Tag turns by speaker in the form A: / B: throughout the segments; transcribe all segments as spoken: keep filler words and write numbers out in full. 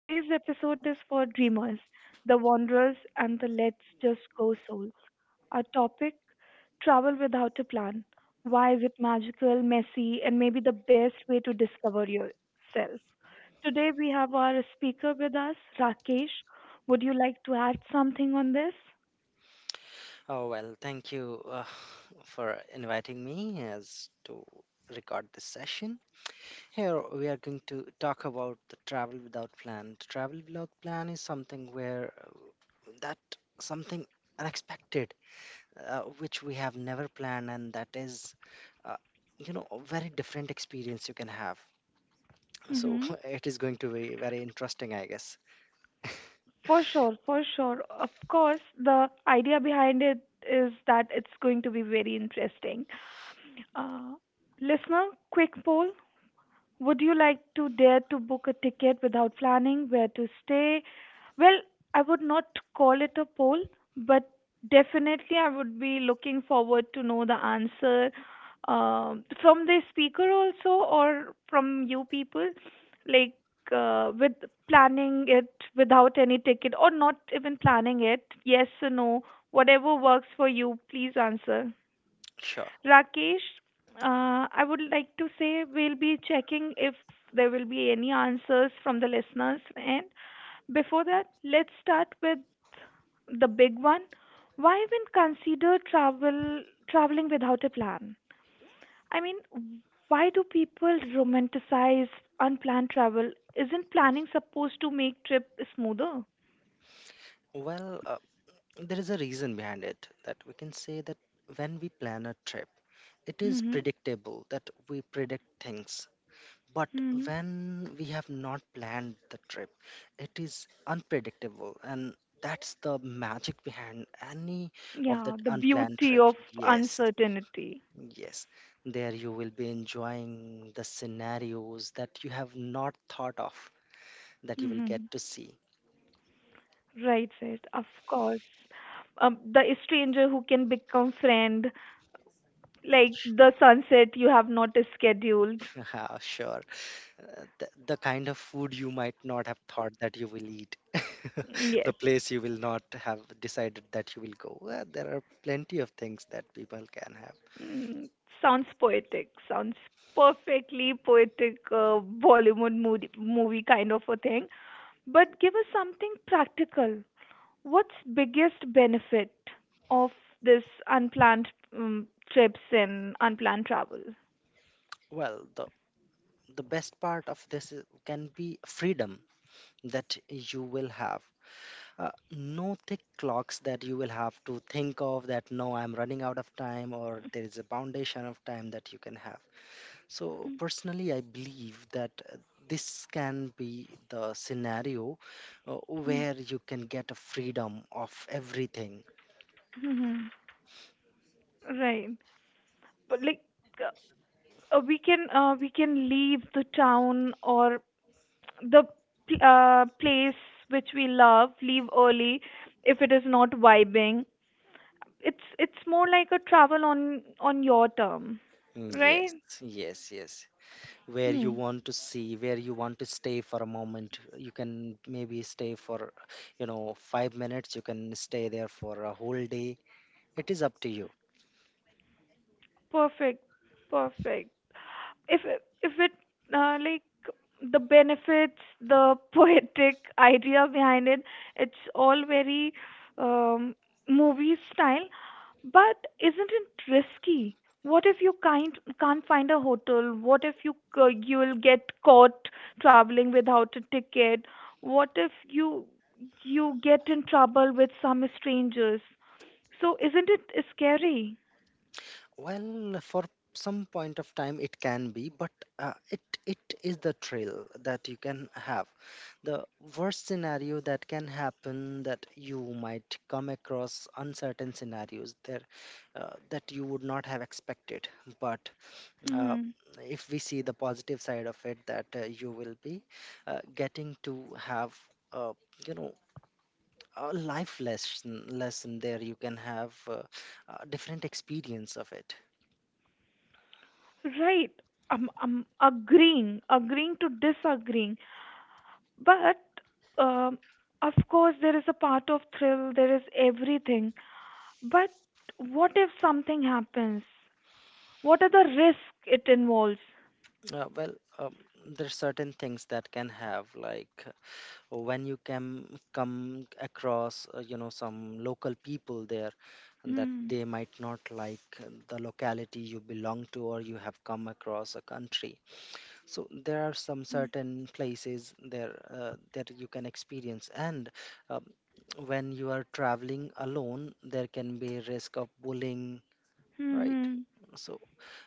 A: Today's episode is for dreamers, the wanderers, and the let's just go souls. Our topic, travel without a plan. Why is it magical, messy, and maybe the best way to discover yourself? Today we have our speaker with us, Rakesh. Would you like to add something on this?
B: Oh, well, thank you uh, for inviting me as to record this session. Here we are going to talk about the travel without plan. Travel without plan is something where uh, that something unexpected, uh, which we have never planned, and that is uh, you know a very different experience you can have. So
A: Hmm.
B: it is going to be very interesting, I guess.
A: For sure, for sure. Of course, the idea behind it is that it's going to be very interesting. Uh, Listener, quick poll. Would you like to dare to book a ticket without planning where to stay? Well, I would not call it a poll, but definitely I would be looking forward to know the answer um, from the speaker also or from you people, like uh, with planning it without any ticket or not even planning it. Yes or no, whatever works for you, please answer.
B: Sure.
A: Rakesh, uh, I would like to say we'll be checking if there will be any answers from the listeners. And before that, let's start with the big one. Why even consider travel traveling without a plan? I mean, why do people romanticize unplanned travel? Isn't planning supposed to make trip smoother?
B: Well, uh, there is a reason behind it that we can say that when we plan a trip, it is
A: Mm-hmm.
B: predictable that we predict things, but
A: Mm-hmm.
B: when we have not planned the trip it is unpredictable, and that's the magic behind any of
A: Yeah,
B: that
A: the
B: unplanned
A: beauty
B: trip.
A: of
B: Yes,
A: uncertainty.
B: yes, there you will be enjoying the scenarios that you have not thought of, that you will get
A: Mm-hmm.
B: to see.
A: Right, right. Of course. Um, the stranger who can become friend, like the sunset you have not scheduled.
B: Yeah, sure, uh, the, the kind of food you might not have thought that you will eat, the
A: Yes.
B: place you will not have decided that you will go. Well, there are plenty of things that people can have.
A: Mm, sounds poetic. Sounds perfectly poetic, uh, Bollywood movie, movie kind of a thing. But give us something practical. What's biggest benefit of this unplanned um, trips and unplanned travel?
B: Well, the the best part of this is- can be freedom that you will have, uh, no thick clocks that you will have to think of, that no, I'm running out of time, or there is a foundation of time that you can have. So, personally, I believe that uh, this can be the scenario uh, where you can get a freedom of everything.
A: Mm-hmm. Right. But like uh, we can uh, we can leave the town or the uh, place which we love, leave early if it is not vibing. It's it's more like a travel on on your term,
B: Mm,
A: right?
B: yes, yes, yes. Where
A: Hmm.
B: you want to see, where you want to stay for a moment. You can maybe stay for, you know, five minutes. You can stay there for a whole day. It is up to you.
A: Perfect, perfect. If it- if it uh, Like the benefits, the poetic idea behind it, it's all very um, movie style. But isn't it risky? What if you can't can't find a hotel? What if you c- you'll get caught traveling without a ticket? What if you you get in trouble with some strangers? So isn't it scary?
B: Well, for some point of time, it can be, but uh, it it is the thrill that you can have. The worst scenario that can happen, that you might come across uncertain scenarios there, uh, that you would not have expected. But uh,
A: Hmm.
B: if we see the positive side of it, that uh, you will be uh, getting to have, uh, you know a life lesson lesson there, you can have uh, a different experience of it.
A: Right. I'm, I'm agreeing, agreeing to disagreeing. But um, of course, there is a part of thrill, there is everything. But what if something happens? What are the risks it involves?
B: uh, well um, there are certain things that can have, like when you can come across, uh, you know some local people there, that
A: Hmm.
B: they might not like the locality you belong to, or you have come across a country. So there are some
A: Hmm.
B: certain places there, uh, that you can experience. And um, when you are traveling alone, there can be risk of bullying, right?
A: Hmm.
B: So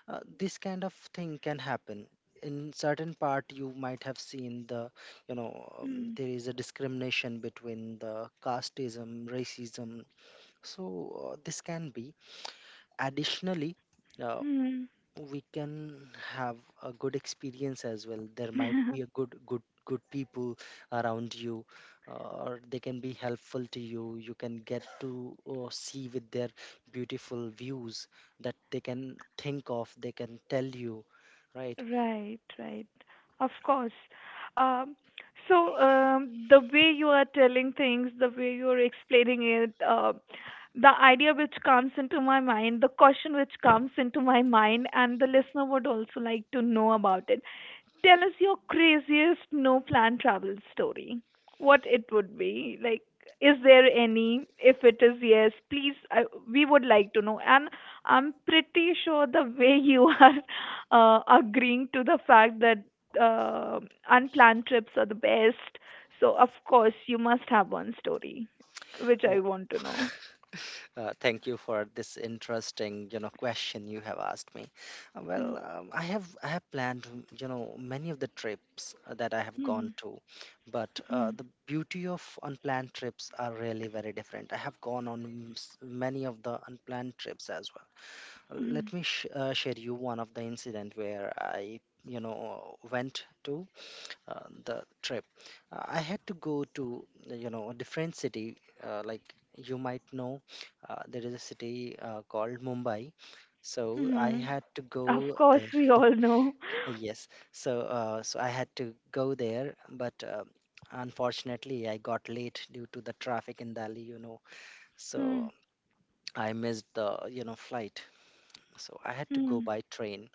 B: uh, this kind of thing can happen. In certain part, you might have seen the, you know um, there is a discrimination between the casteism, racism. So uh, this can be additionally, uh,
A: Hmm.
B: we can have a good experience as well. There might
A: Hmm.
B: be a good good good people around you, uh, or they can be helpful to you. You can get to uh, see with their beautiful views that they can think of, they can tell you, right?
A: Right, right. Of course. Um, so um, the way you are telling things, the way you are explaining it, uh, the idea which comes into my mind, the question which comes into my mind, and the listener would also like to know about it. Tell us your craziest no plan travel story. What it would be. Like, is there any? If it is yes, please, I, we would like to know. And I'm pretty sure the way you are uh, agreeing to the fact that uh, unplanned trips are the best. So, of course, you must have one story, which I
B: Oh,
A: want to know.
B: Uh, thank you for this interesting, you know, question you have asked me. Uh, Well, um, I have I have planned, you know, many of the trips uh, that I have
A: Hmm,
B: gone to, but uh,
A: hmm,
B: the beauty of unplanned trips are really very different. I have gone on m- s- many of the unplanned trips as well.
A: hmm,
B: Let me sh- uh, share you one of the incident where I, you know, went to uh, the trip. Uh, I had to go to, you know, a different city. Uh, like you might know, uh, there is a city uh, called Mumbai. So
A: hmm,
B: I
A: hmm.
B: had to
A: Of
B: go
A: course,
B: there.
A: we all know.
B: Yes. So uh, so I had to go there, but um unfortunately I got late due to the traffic in Delhi. You know, so
A: Hmm,
B: I missed the, you know, flight. So I had to go
A: hmm,
B: by train.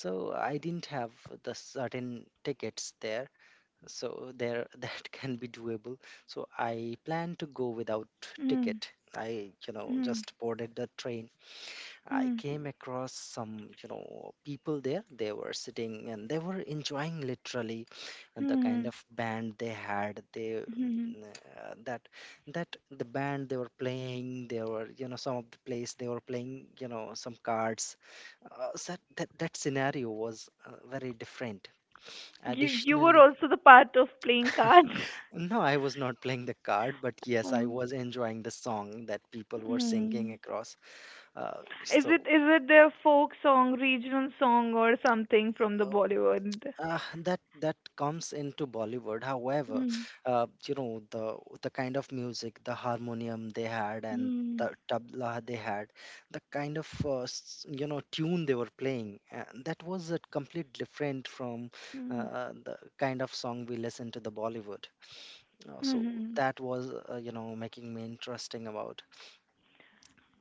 B: So I didn't have the certain tickets there, so there, that can be doable. So I plan to go without
A: hmm.
B: ticket. I, you know,
A: Hmm.
B: just boarded the train. I
A: Hmm.
B: came across some, you know, people there. They were sitting and they were enjoying literally, and the
A: Hmm.
B: kind of band they had, they,
A: Hmm. Hmm.
B: mm, uh, that that the band they were playing, they were, you know, some of the place, they were playing, you know, some cards. Uh, so that that scenario was uh, very different
A: You you were
B: additionally.
A: also the part of playing cards.
B: No, I was not playing the card, but yes, I
A: Oh.
B: was enjoying the song that people were singing
A: Hmm.
B: across. Uh,
A: Is it
B: so
A: is it their folk song, regional song, or something from the
B: uh,
A: Bollywood?
B: uh, that that comes into Bollywood. However,
A: Hmm.
B: uh, you know, the the kind of music, the harmonium they had, and
A: Hmm.
B: the tabla they had, the kind of uh, s- you know tune they were playing, uh, that was a complete different from
A: Hmm.
B: uh, the kind of song we listen to the Bollywood. Uh, so
A: Hmm.
B: that was, uh, you know making me interesting about.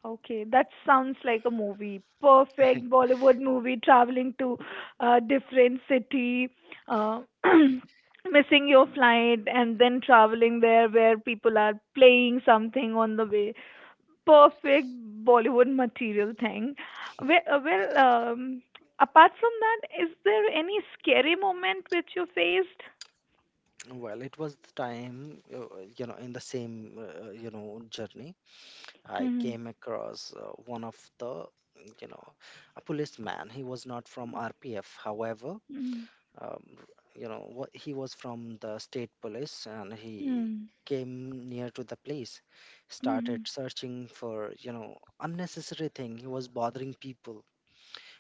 A: Okay, that sounds like a movie. Perfect Bollywood movie, traveling to a different city, uh, missing your flight, and then traveling there where people are playing something on the way. Perfect Bollywood material thing. Well, uh, well um, Apart from that, is there any scary moment which you faced?
B: Well, it was the time, uh, you know, in the same, uh, you know, journey, I
A: Hmm.
B: came across uh, one of the, you know, a policeman. He was not from R P F, however,
A: Hmm.
B: um, you know, what, he was from the state police, and he
A: Hmm.
B: came near to the place, started
A: Hmm.
B: searching for, you know, unnecessary thing. He was bothering people,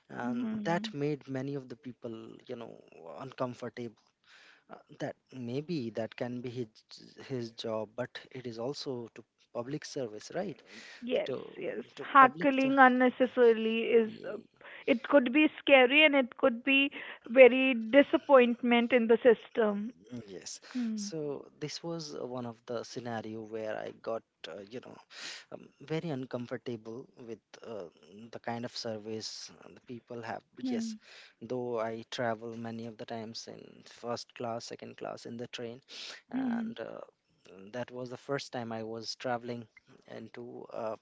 B: and that
A: Hmm.
B: made many of the people, you know, uncomfortable. Uh, that maybe that can be his, his job, but it is also to public service, right?
A: Yes,
B: To
A: yes.
B: to public ser-
A: Heckling unnecessarily is, uh,
B: Ye-
A: it could be scary and it could be very disappointment in the system.
B: yes.
A: Hmm.
B: So this was uh, one of the scenario where I got, uh, you know um, very uncomfortable with uh, the kind of service uh, the people have. Yes.
A: Hmm.
B: Though I travel many of the times in first class, second class in the train,
A: Hmm.
B: and uh, that was the first time I was traveling into a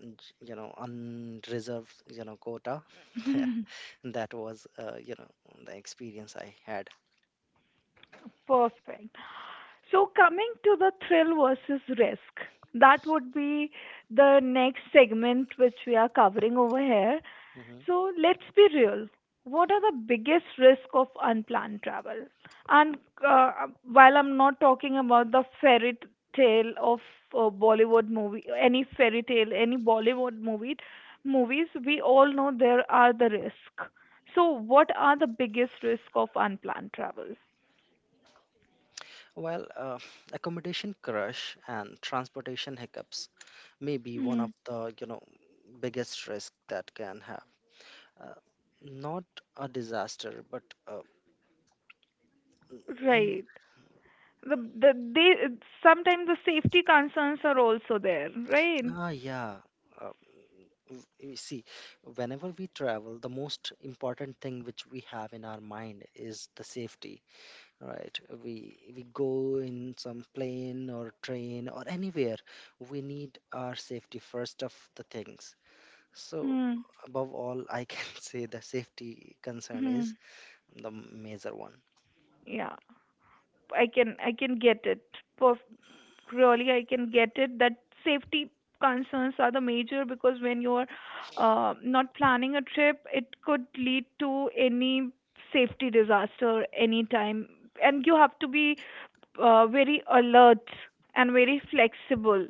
B: un- you know unreserved, you know, quota. That was, uh, you know the experience I had.
A: Perfect. So, coming to the thrill versus risk, that would be the next segment which we are covering over here.
B: Hmm.
A: So, let's be real. What are the biggest risk of unplanned travel? And uh, while I'm not talking about the fairy tale of uh, Bollywood movie, any fairy tale, any Bollywood movie, movies, we all know there are the risk. So, what are the biggest risk of unplanned travel?
B: Well, uh, accommodation crush and transportation hiccups may be one
A: Hmm.
B: of the, you know, biggest risk that can have, uh, not a disaster, but uh, mm, mm,
A: Right. The the they Sometimes the safety concerns are also there, right?
B: ah, yeah. uh, w- you see, whenever we travel, the most important thing which we have in our mind is the safety, right? We we go in some plane or train or anywhere, we need our safety first of the things. So
A: Hmm.
B: above all, I can say the safety concern
A: Hmm.
B: is the major one.
A: Yeah. I can I can get it. Perf- Really, I can get it that safety concerns are the major because when you're uh, not planning a trip, it could lead to any safety disaster anytime, and you have to be uh, very alert and very flexible,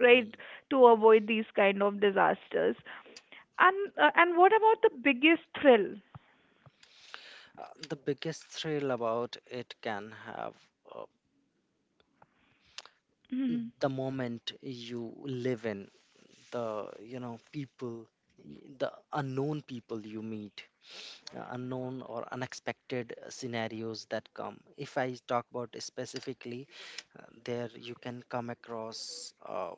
A: right,
B: Mm.
A: to avoid these kind of disasters. And uh, and what about the biggest thrill?
B: Uh, the biggest thrill about it can have, uh,
A: Mm,
B: the moment you live in, the, you know, people, y- the unknown people you meet, uh, unknown or unexpected scenarios that come. If I talk about specifically, uh, there you can come across, uh,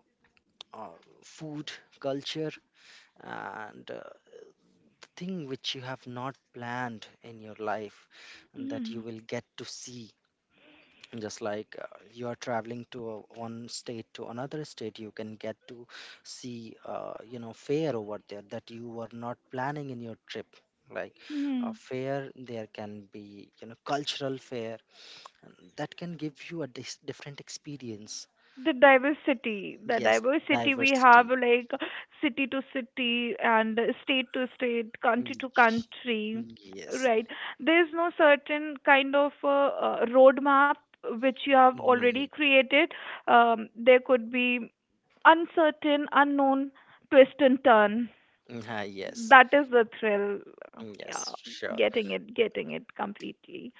B: uh, food, culture, and uh, the thing which you have not planned in your life, and that
A: mm,
B: you will get to see, just like uh, you are traveling to a, one state to another state, you can get to see, uh, you know fare over there that you were not planning in your trip, like a
A: mm.
B: fair there can be, you know, cultural fair, and that can give you a dis- different experience.
A: The diversity, the
B: Yes,
A: diversity we have,
B: diversity.
A: like city to city and state to state, country to country,
B: Mm, yes.
A: right? There's no certain kind of uh, uh, roadmap which you have already
B: Mm,
A: created. Um, there could be uncertain, unknown twist and turn.
B: ah, yes.
A: That is the thrill.
B: Mm,
A: Yeah,
B: yes, sure.
A: getting it, getting it completely.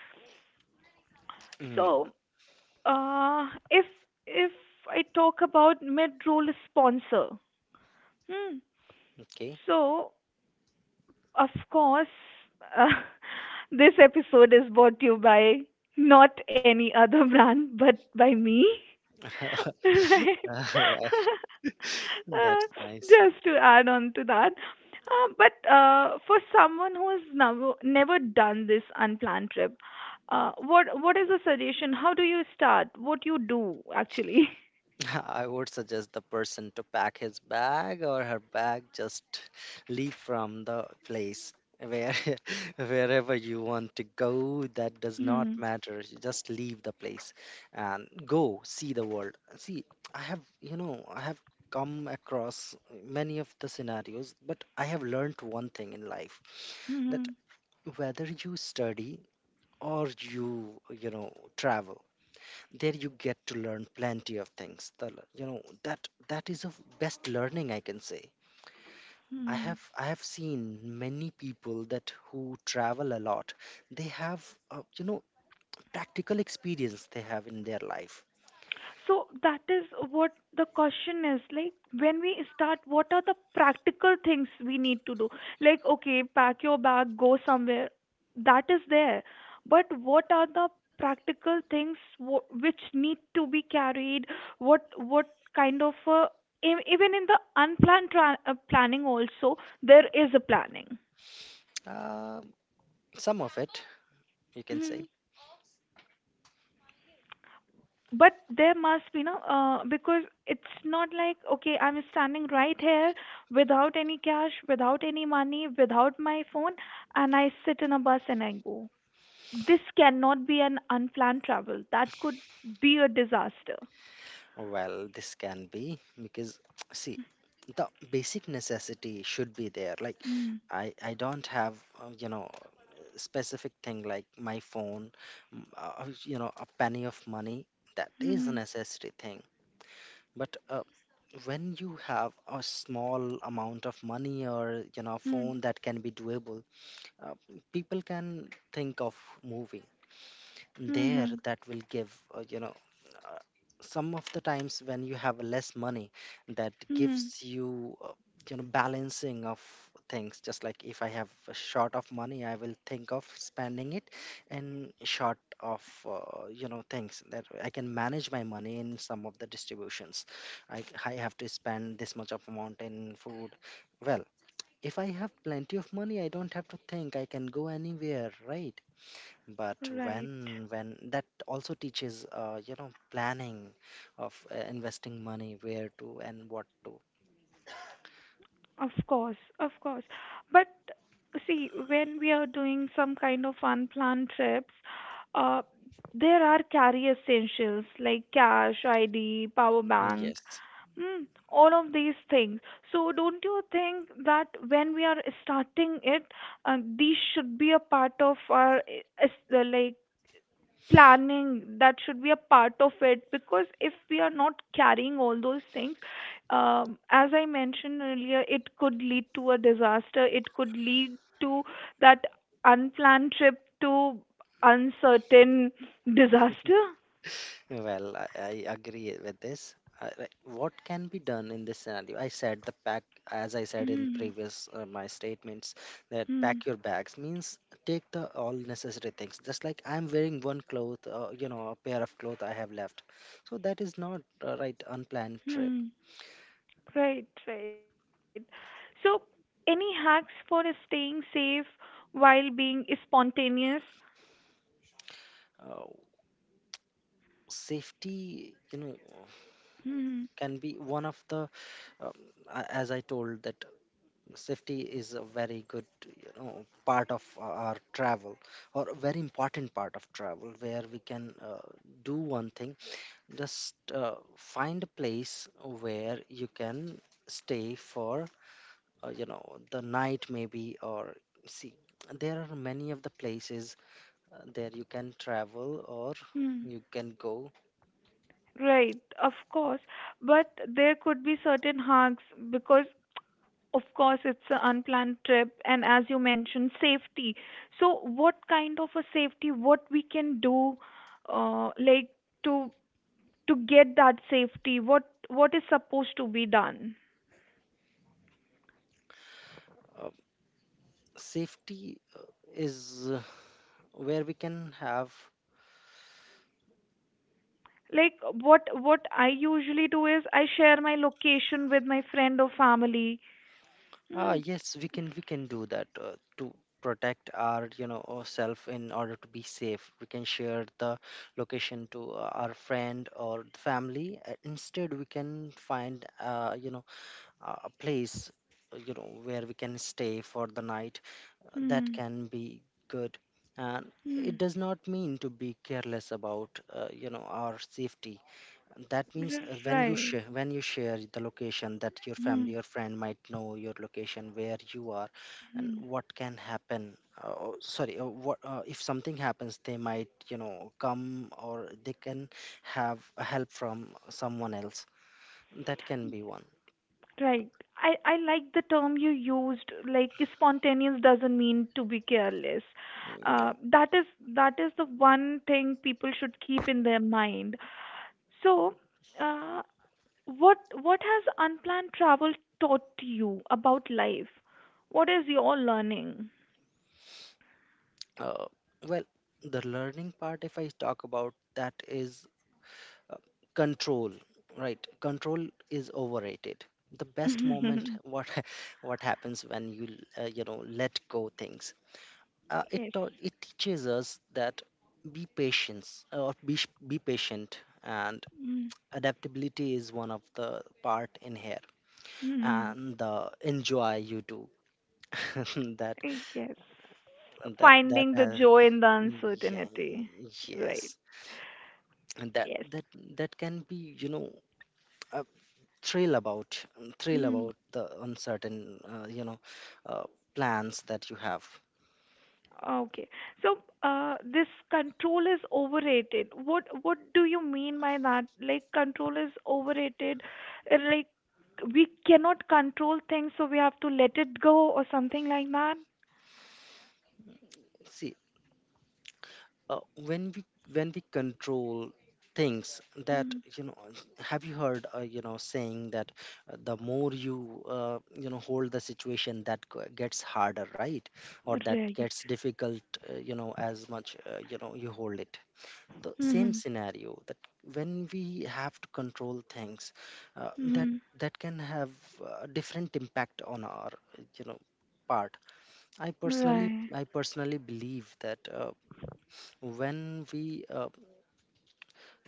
B: Mm,
A: So, uh, if if I talk about mid role sponsor, hmm.
B: okay.
A: So, of course, uh, this episode is brought to you by not any other brand but by me. right?
B: All right.
A: Uh,
B: That's nice.
A: just to add on to that. Uh, but uh, for someone who has never, never done this unplanned trip, uh, what what is the suggestion? How do you start? What you do actually?
B: I would suggest the person to pack his bag or her bag, just leave from the place where, wherever you want to go. That does not matter. You just leave the place and go see the world. See, I have you know I have come across many of the scenarios, but I have learned one thing in life, that
A: Mm-hmm.
B: whether you study or you you know, travel, there you get to learn plenty of things, the, l- you know that that is the best learning, I can say. i
A: Mm-hmm.
B: have i have seen many people that who travel a lot, they have, uh, you know practical experience they have in their life.
A: So that is what the question is, like, when we start, what are the practical things we need to do? Like, okay, pack your bag, go somewhere, that is there. But what are the practical things wh- which need to be carried? What what kind of uh, e- even in the unplanned tra- uh, planning also, there is a planning.
B: uh, some of it, you can
A: Mm-hmm.
B: say.
A: But there must be no, uh, because it's not like okay, I'm standing right here without any cash, without any money, without my phone, and I sit in a bus and I go. This cannot be an unplanned travel, that could be a disaster.
B: Well, this can be because see, the basic necessity should be there. Like,
A: Mm-hmm.
B: I I don't have, uh, you know specific thing like my phone, mm, uh, you know a penny of money. That is a
A: Mm-hmm.
B: necessity thing. But uh, when you have a small amount of money or you know a phone that can be doable. uh, People can think of moving there,
A: Mm-hmm.
B: that will give uh, you know uh, some of the times when you have less money, that
A: Mm-hmm.
B: gives you uh, you know balancing of things. Just like if I have a short of money, I will think of spending it, and short of uh, you know things, that I can manage my money in some of the distributions. I i have to spend this much of amount in food. Well, if I have plenty of money, I don't have to think, I can go anywhere, right? But
A: Right.
B: when when that also teaches uh, you know planning of uh, investing money, where to and what to.
A: Of course, of course. But see, when we are doing some kind of unplanned trips, uh, there are carry essentials like cash, I D, power bank,
B: Yes.
A: mm, all of these things. So, don't you think that when we are starting it, uh, these should be a part of our eh, es- uh, like planning? That should be a part of it, because if we are not carrying all those things, um, as I mentioned earlier, it could lead to a disaster, it could lead to that unplanned trip to uncertain disaster.
B: Well, i, I agree with this. Uh, like, what can be done in this scenario? I said the pack, as I said in
A: Hmm.
B: previous uh, my statements, that
A: Hmm.
B: pack your bags means take the all necessary things. Just like I'm wearing one cloth, uh, you know a pair of clothes I have left. So that is not a right unplanned trip.
A: Hmm. Right, right. So, any hacks for staying safe while being spontaneous?
B: uh, Safety, you know
A: Hmm.
B: can be one of the um, a- as I told, that safety is a very good, you know part of o- our travel, or a very important part of travel, where we can uh, do one thing. Just uh, find a place where you can stay for uh, you know the night maybe. Or see, there are many of the places uh, there you can travel or you can go.
A: Right, of course, but there could be certain harms because, of course, it's an unplanned trip, and as you mentioned, safety. So, what kind of a safety? What we can do, uh, like to to get that safety? What what is supposed to be done?
B: uh, Safety uh, is uh, where we can have.
A: Like, what what I usually do is I share my location with my friend or family.
B: Ah,
A: Hmm.
B: yes, we can we can do that uh, to protect our you know uh, self in order to be safe. We can share the location to uh, our friend or the family. Uh, instead, we can find uh, you know uh, a place uh, you know where we can stay for the night. Uh, that
A: Hmm.
B: can be good, and
A: Hmm.
B: it does not mean to be careless about uh, you know our safety. That means uh, when you
A: Right.
B: share when you share the location, that your
A: Hmm.
B: family or friend might know your location, where you are. And
A: Hmm.
B: what can happen, uh, oh, sorry, uh, what uh, if something happens, they might you know come, or they can have a help from someone else. That can be one.
A: Right. I, I like the term you used, like spontaneous doesn't mean to be careless.
B: Mm, yeah.
A: Uh, that is that is the one thing people should keep in their mind. So, uh, what what has unplanned travel taught you about life? What is your learning?
B: uh, well, the learning part, if I talk about that, is uh, control. Right, control is overrated. The best moment, what what happens when you uh, you know let go things. uh, it
A: Yes.
B: taught it teaches us that be patience, or be, sh- be patient, and adaptability is one of the part in here,
A: Mm-hmm.
B: and the enjoy you do. that
A: Yes.
B: that that
A: Finding the
B: uh,
A: joy in the
B: Yeah,
A: uncertainty. Right.
B: yes. And that
A: Yes.
B: that that can be you know uh, thrill about thrill
A: Hmm.
B: about the uncertain, uh, you know uh, plans that you have.
A: Okay. So, uh, this control is overrated. What what do you mean by that? Like, control is overrated. uh, Like, we cannot control things, so we have to let it go or something like that.
B: See, uh, when we when we control things, that,
A: Hmm.
B: you know have you heard uh, you know saying, that uh, the more you uh, you know hold the situation, that g- gets harder, right? Or that
A: Right.
B: gets difficult. Uh, you know as much uh, you know you hold it, the same
A: Mm-hmm.
B: scenario, that when we have to control things, uh, that
A: Mm-hmm.
B: that can have a different impact on our, you know part. i personally
A: Right.
B: I personally believe that uh, when we uh,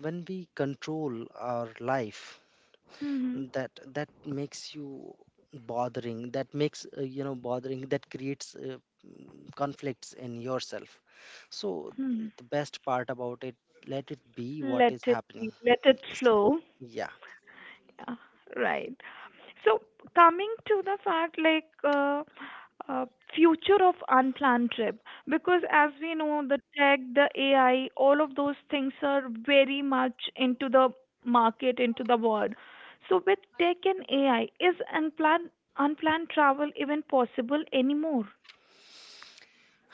B: when we control our life,
A: Mm-hmm.
B: that that makes you bothering, that makes uh, you know bothering, that creates uh, mm, conflicts in yourself. So
A: Hmm.
B: the best part about it, let it be what
A: Let
B: is
A: it
B: happening.
A: be. Let it
B: Yes.
A: flow.
B: Yeah.
A: Yeah. Right. So, coming to the fact like uh, uh, future of unplanned trip, because as we know, the tech, the A I, all of those things are very much into the market, into the world. So with tech and A I, is unplanned unplanned travel even possible anymore?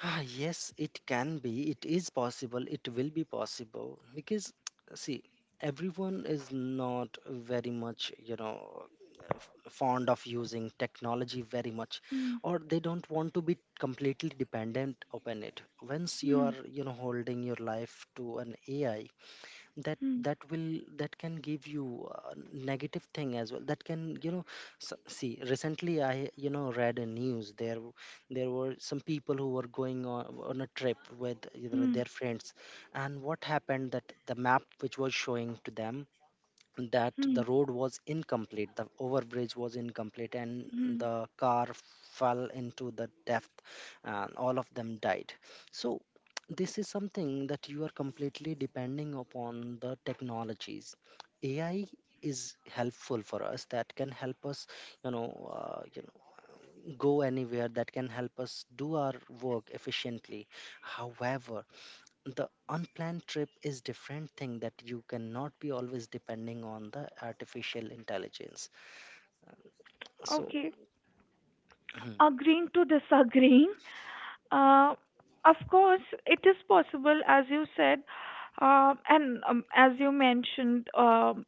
B: Ah, yes, it can be. It is possible. It will be possible because, see, everyone is not very much, you know, f- fond of using technology very much,
A: Hmm.
B: or they don't want to be completely dependent upon it. Once you
A: Hmm.
B: are, you know, holding your life to an A I, that
A: Hmm.
B: that will that can give you a negative thing as well, that can you know s see, recently I you know read a news. There w- there were some people who were going on, on a trip with you know
A: Hmm.
B: their friends, and what happened, that the map which was showing to them, that
A: Hmm.
B: the road was incomplete, the overbridge was incomplete, and
A: Hmm.
B: the car fell into the depth, and all of them died. So this is something, that you are completely depending upon the technologies. AI is helpful for us, that can help us, you know uh, you know go anywhere, that can help us do our work efficiently. However, the unplanned trip is different thing, that you cannot be always depending on the artificial intelligence. So
A: Okay. Agreeing to disagreeing. Uh, of course, it is possible, as you said, um, and um, as you mentioned, um,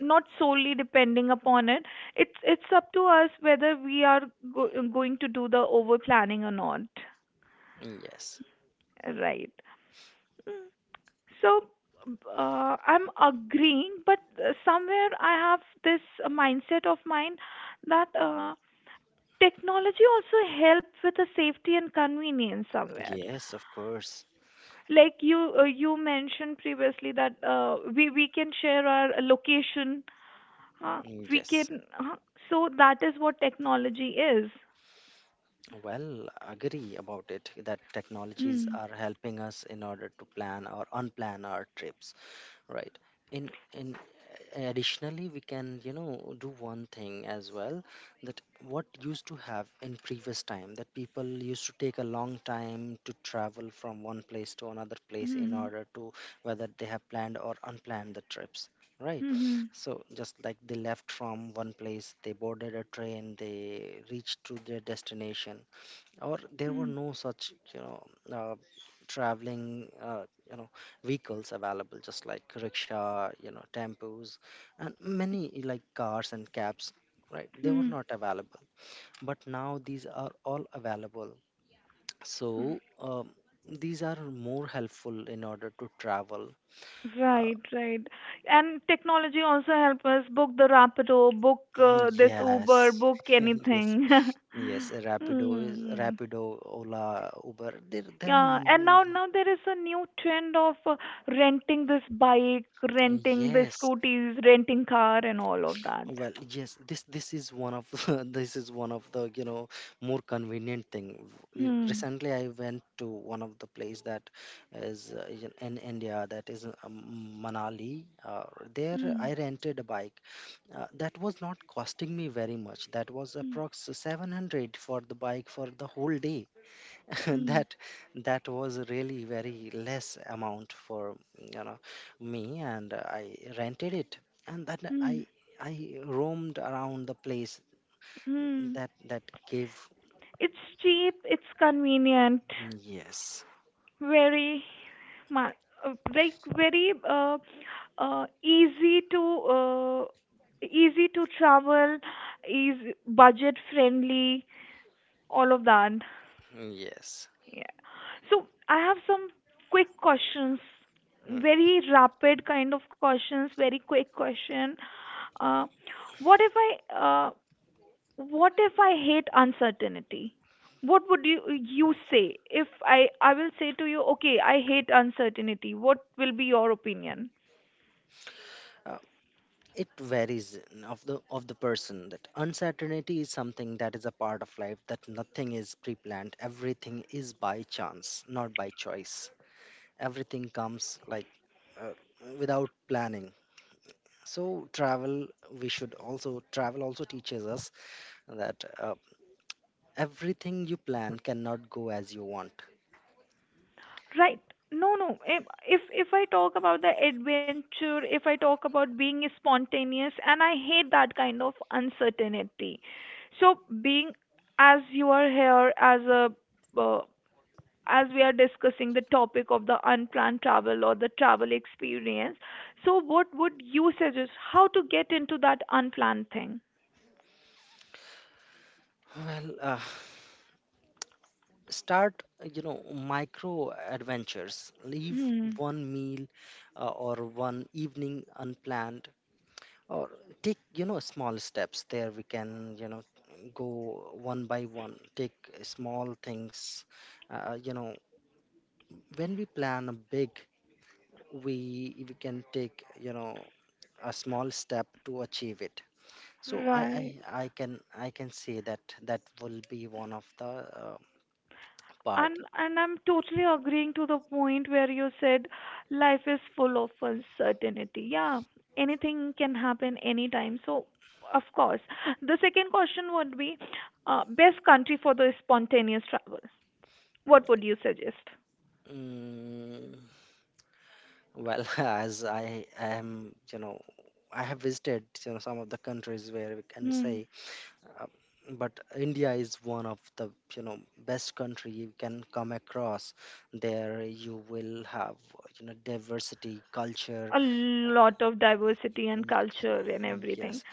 A: not solely depending upon it. It's it's up to us whether we are go- going to do the over planning or not,
B: yes.
A: right? Mm. So, uh, I'm agreeing, but uh, somewhere I have this uh, mindset of mine that uh, technology also help with the safety and convenience somewhere.
B: Yes, of course.
A: Like, you uh, you mentioned previously that uh, we we can share our location, uh, we
B: Yes.
A: can uh, so that is what technology is.
B: Well, agree about it, that technologies
A: Hmm.
B: are helping us in order to plan or unplan our trips, right? in in Additionally, we can you know do one thing as well. That, what used to have in previous time, that people used to take a long time to travel from one place to another place in
A: Hmm.
B: order to, whether they have planned or unplanned the trips, right?
A: Hmm.
B: So just like they left from one place, they boarded a train, they reached to their destination. Or there
A: Hmm.
B: were no such you know uh, traveling uh, you know vehicles available, just like rickshaw, you know tempos, and many like cars and cabs, right? They were
A: Hmm.
B: not available. But now these are all available. So um, these are more helpful in order to travel. uh,
A: Right, right. And technology also help us book the Rapido, book uh, this Uber,
B: yes.
A: book
B: Yes.
A: anything.
B: Yes, Rapido is
A: Hmm.
B: Rapido. Ola, Uber. there there are
A: Yeah, and
B: m-
A: now now there is a new trend of uh, renting this bike, renting the
B: yes.
A: scooties, renting car, and all of that.
B: Well, yes, this this is one of this is one of the, you know more convenient thing. Y-
A: Hmm.
B: Recently, I went to one of the place that is uh, in in India, that is uh, M- Manali. Uh, there,
A: Hmm.
B: I rented a bike. Uh, that was not costing me very much. That was
A: Hmm.
B: approx seven hundred for the bike for the whole day.
A: Hmm.
B: that that was really very less amount for, you know me, and I rented it, and then i
A: Hmm.
B: I roamed around the place.
A: Hmm.
B: That that gave.
A: It's cheap. It's convenient.
B: Yes.
A: Very, ma- uh, like very uh, uh, easy to uh, easy to travel. Is budget friendly. All of that.
B: Yes.
A: Yeah. So, I have some quick questions,
B: Mm.
A: very rapid kind of questions, very quick question. Uh, what if I uh, what if I hate uncertainty? What would you you say if I I will say to you, okay, I hate uncertainty. What will be your opinion?
B: Uh, it varies of the of the person, that uncertainty is something that is a part of life, that nothing is pre-planned, everything is by chance, not by choice. Everything comes like uh, without planning. So travel, we should also travel also teaches us that uh, everything you plan cannot go as you want.
A: Right. No, no. If if if I talk about the adventure, if I talk about being spontaneous, and I hate that kind of uncertainty. So being as you are here as a uh, as we are discussing the topic of the unplanned travel or the travel experience, so what would you suggest how to get into that unplanned thing?
B: Well, uh, start you know micro adventures. Leave
A: Hmm.
B: one meal uh, or one evening unplanned, or take you know small steps. There we can, you know go one by one, take small things. uh, you know when we plan a big, we we can take you know a small step to achieve it. So i i,
A: Right.
B: I can I can say that that will be one of the uh, part.
A: And and I'm totally agreeing to the point where you said life is full of uncertainty. Yeah, anything can happen anytime. So, of course, the second question would be uh, best country for the spontaneous travel. What would you suggest?
B: mm, well, as I am, you know I have visited, you know some of the countries where we can
A: Hmm.
B: say, uh, but India is one of the, you know best country you can come across. There you will have, you know diversity, culture.
A: A lot of diversity and
B: Mm, yeah,
A: culture and
B: mm,
A: everything.
B: yes.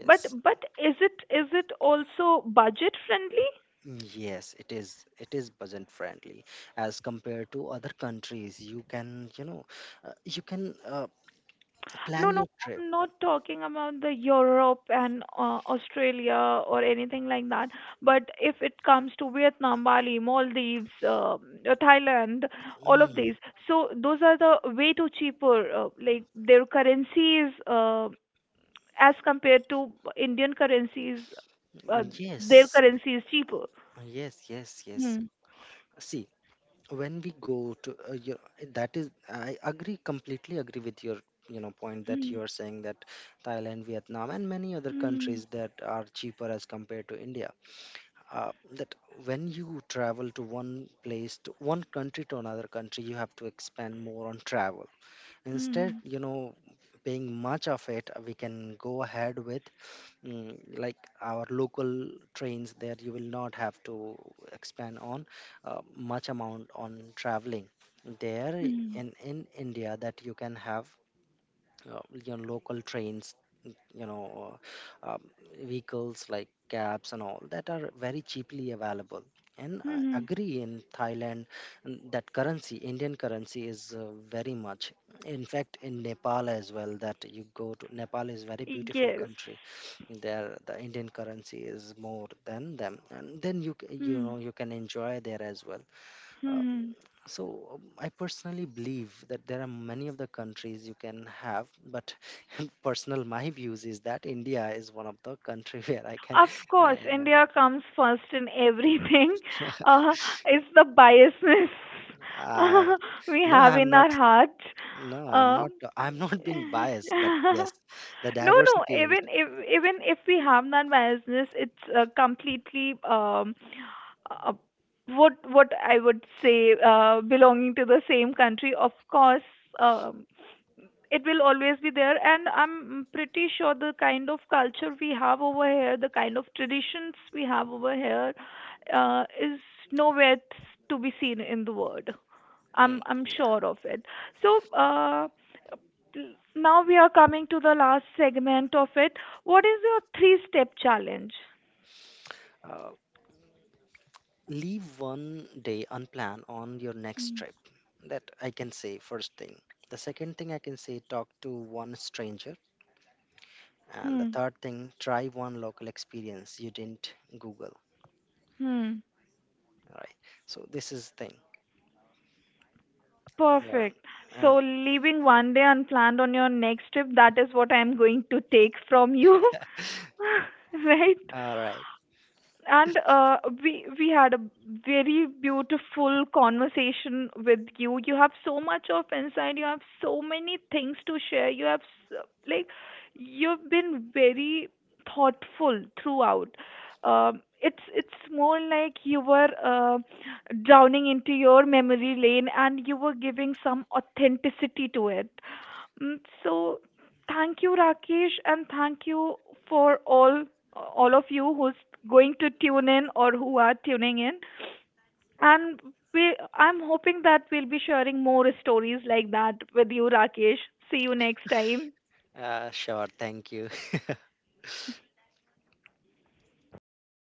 A: But but is it is it also budget friendly?
B: Yes, it is. It is budget friendly as compared to other countries. You can, you know, uh, you can uh,
A: No,
B: plan
A: no,
B: your trip.
A: I'm not talking about the Europe and uh, Australia or anything like that. But if it comes to Vietnam, Bali, Maldives, uh, Thailand, all of
B: Mm,
A: these, so those are the way too cheaper. Uh, like, their currencies, uh, as compared to Indian currencies, uh, their
B: yes,
A: currency is cheaper.
B: yes, yes, yes.
A: Mm.
B: See, when we go to, uh, you, that is, I agree, completely agree with your, you know, point that
A: Mm.
B: you are saying, that Thailand, Vietnam, and many other
A: Mm.
B: countries that are cheaper as compared to India. Uh, that when you travel to one place, to one country to another country, you have to expand more on travel, instead
A: Mm.
B: you know paying much of it, we can go ahead with mm, like our local trains. There you will not have to expand on uh, much amount on traveling there.
A: Mm.
B: In in India, that you can have uh, you know, local trains, you know, uh, um, vehicles like cabs, and all that are very cheaply available. And I
A: Mm.
B: agree, in Thailand, mm, that currency, Indian currency, is uh, very much. In fact, in Nepal as well, that you go to, Nepal is very beautiful
A: Yes.
B: country. There, the Indian currency is more than them, and then you c- you
A: Mm.
B: know you can enjoy there as well. Uh,
A: Mm.
B: so um, I personally believe that there are many of the countries you can have, but personal my views is that India is one of the country where I can.
A: Of course,
B: I,
A: India comes first in everything.
B: uh,
A: Uh, it's the biasness
B: uh,
A: we
B: no,
A: have
B: I'm
A: in
B: not.
A: our heart.
B: No, I'm
A: Um,
B: not. I'm not being biased, but yes, the
A: no, no.
B: diversity. Which,
A: Even if even if we have that biasness, it's uh, completely um, uh, what what I would say, uh, belonging to the same country. Of course, um, it will always be there. And I'm pretty sure the kind of culture we have over here, the kind of traditions we have over here, uh, is nowhere to be seen in the world.
B: mm,
A: i'm i'm
B: yeah,
A: sure of it. So, uh, now we are coming to the last segment of it. What is your three step challenge?
B: uh, leave one day unplanned on your next
A: Hmm.
B: trip. That I can say first thing. The second thing I can say, talk to one stranger, and the
A: Hmm.
B: third thing, try one local experience you didn't google.
A: Hmm.
B: All right, so this is thing. Uh,
A: Perfect. So,
B: and
A: leaving one day unplanned on your next trip, that is what I am going to take from you. right?
B: All right.
A: And uh, we we had a very beautiful conversation with you. You have so much of insight, you have so many things to share, you have s- like, you've been very thoughtful throughout. um, it's it's more like you were uh, drowning into your memory lane and you were giving some authenticity to it. Mm, so thank you, Rakesh, and thank you for all all of you who's going to tune in or who are tuning in. And we I'm hoping that we'll be sharing more stories like that with you, Rakesh. See you next time.
B: Uh, sure, thank you.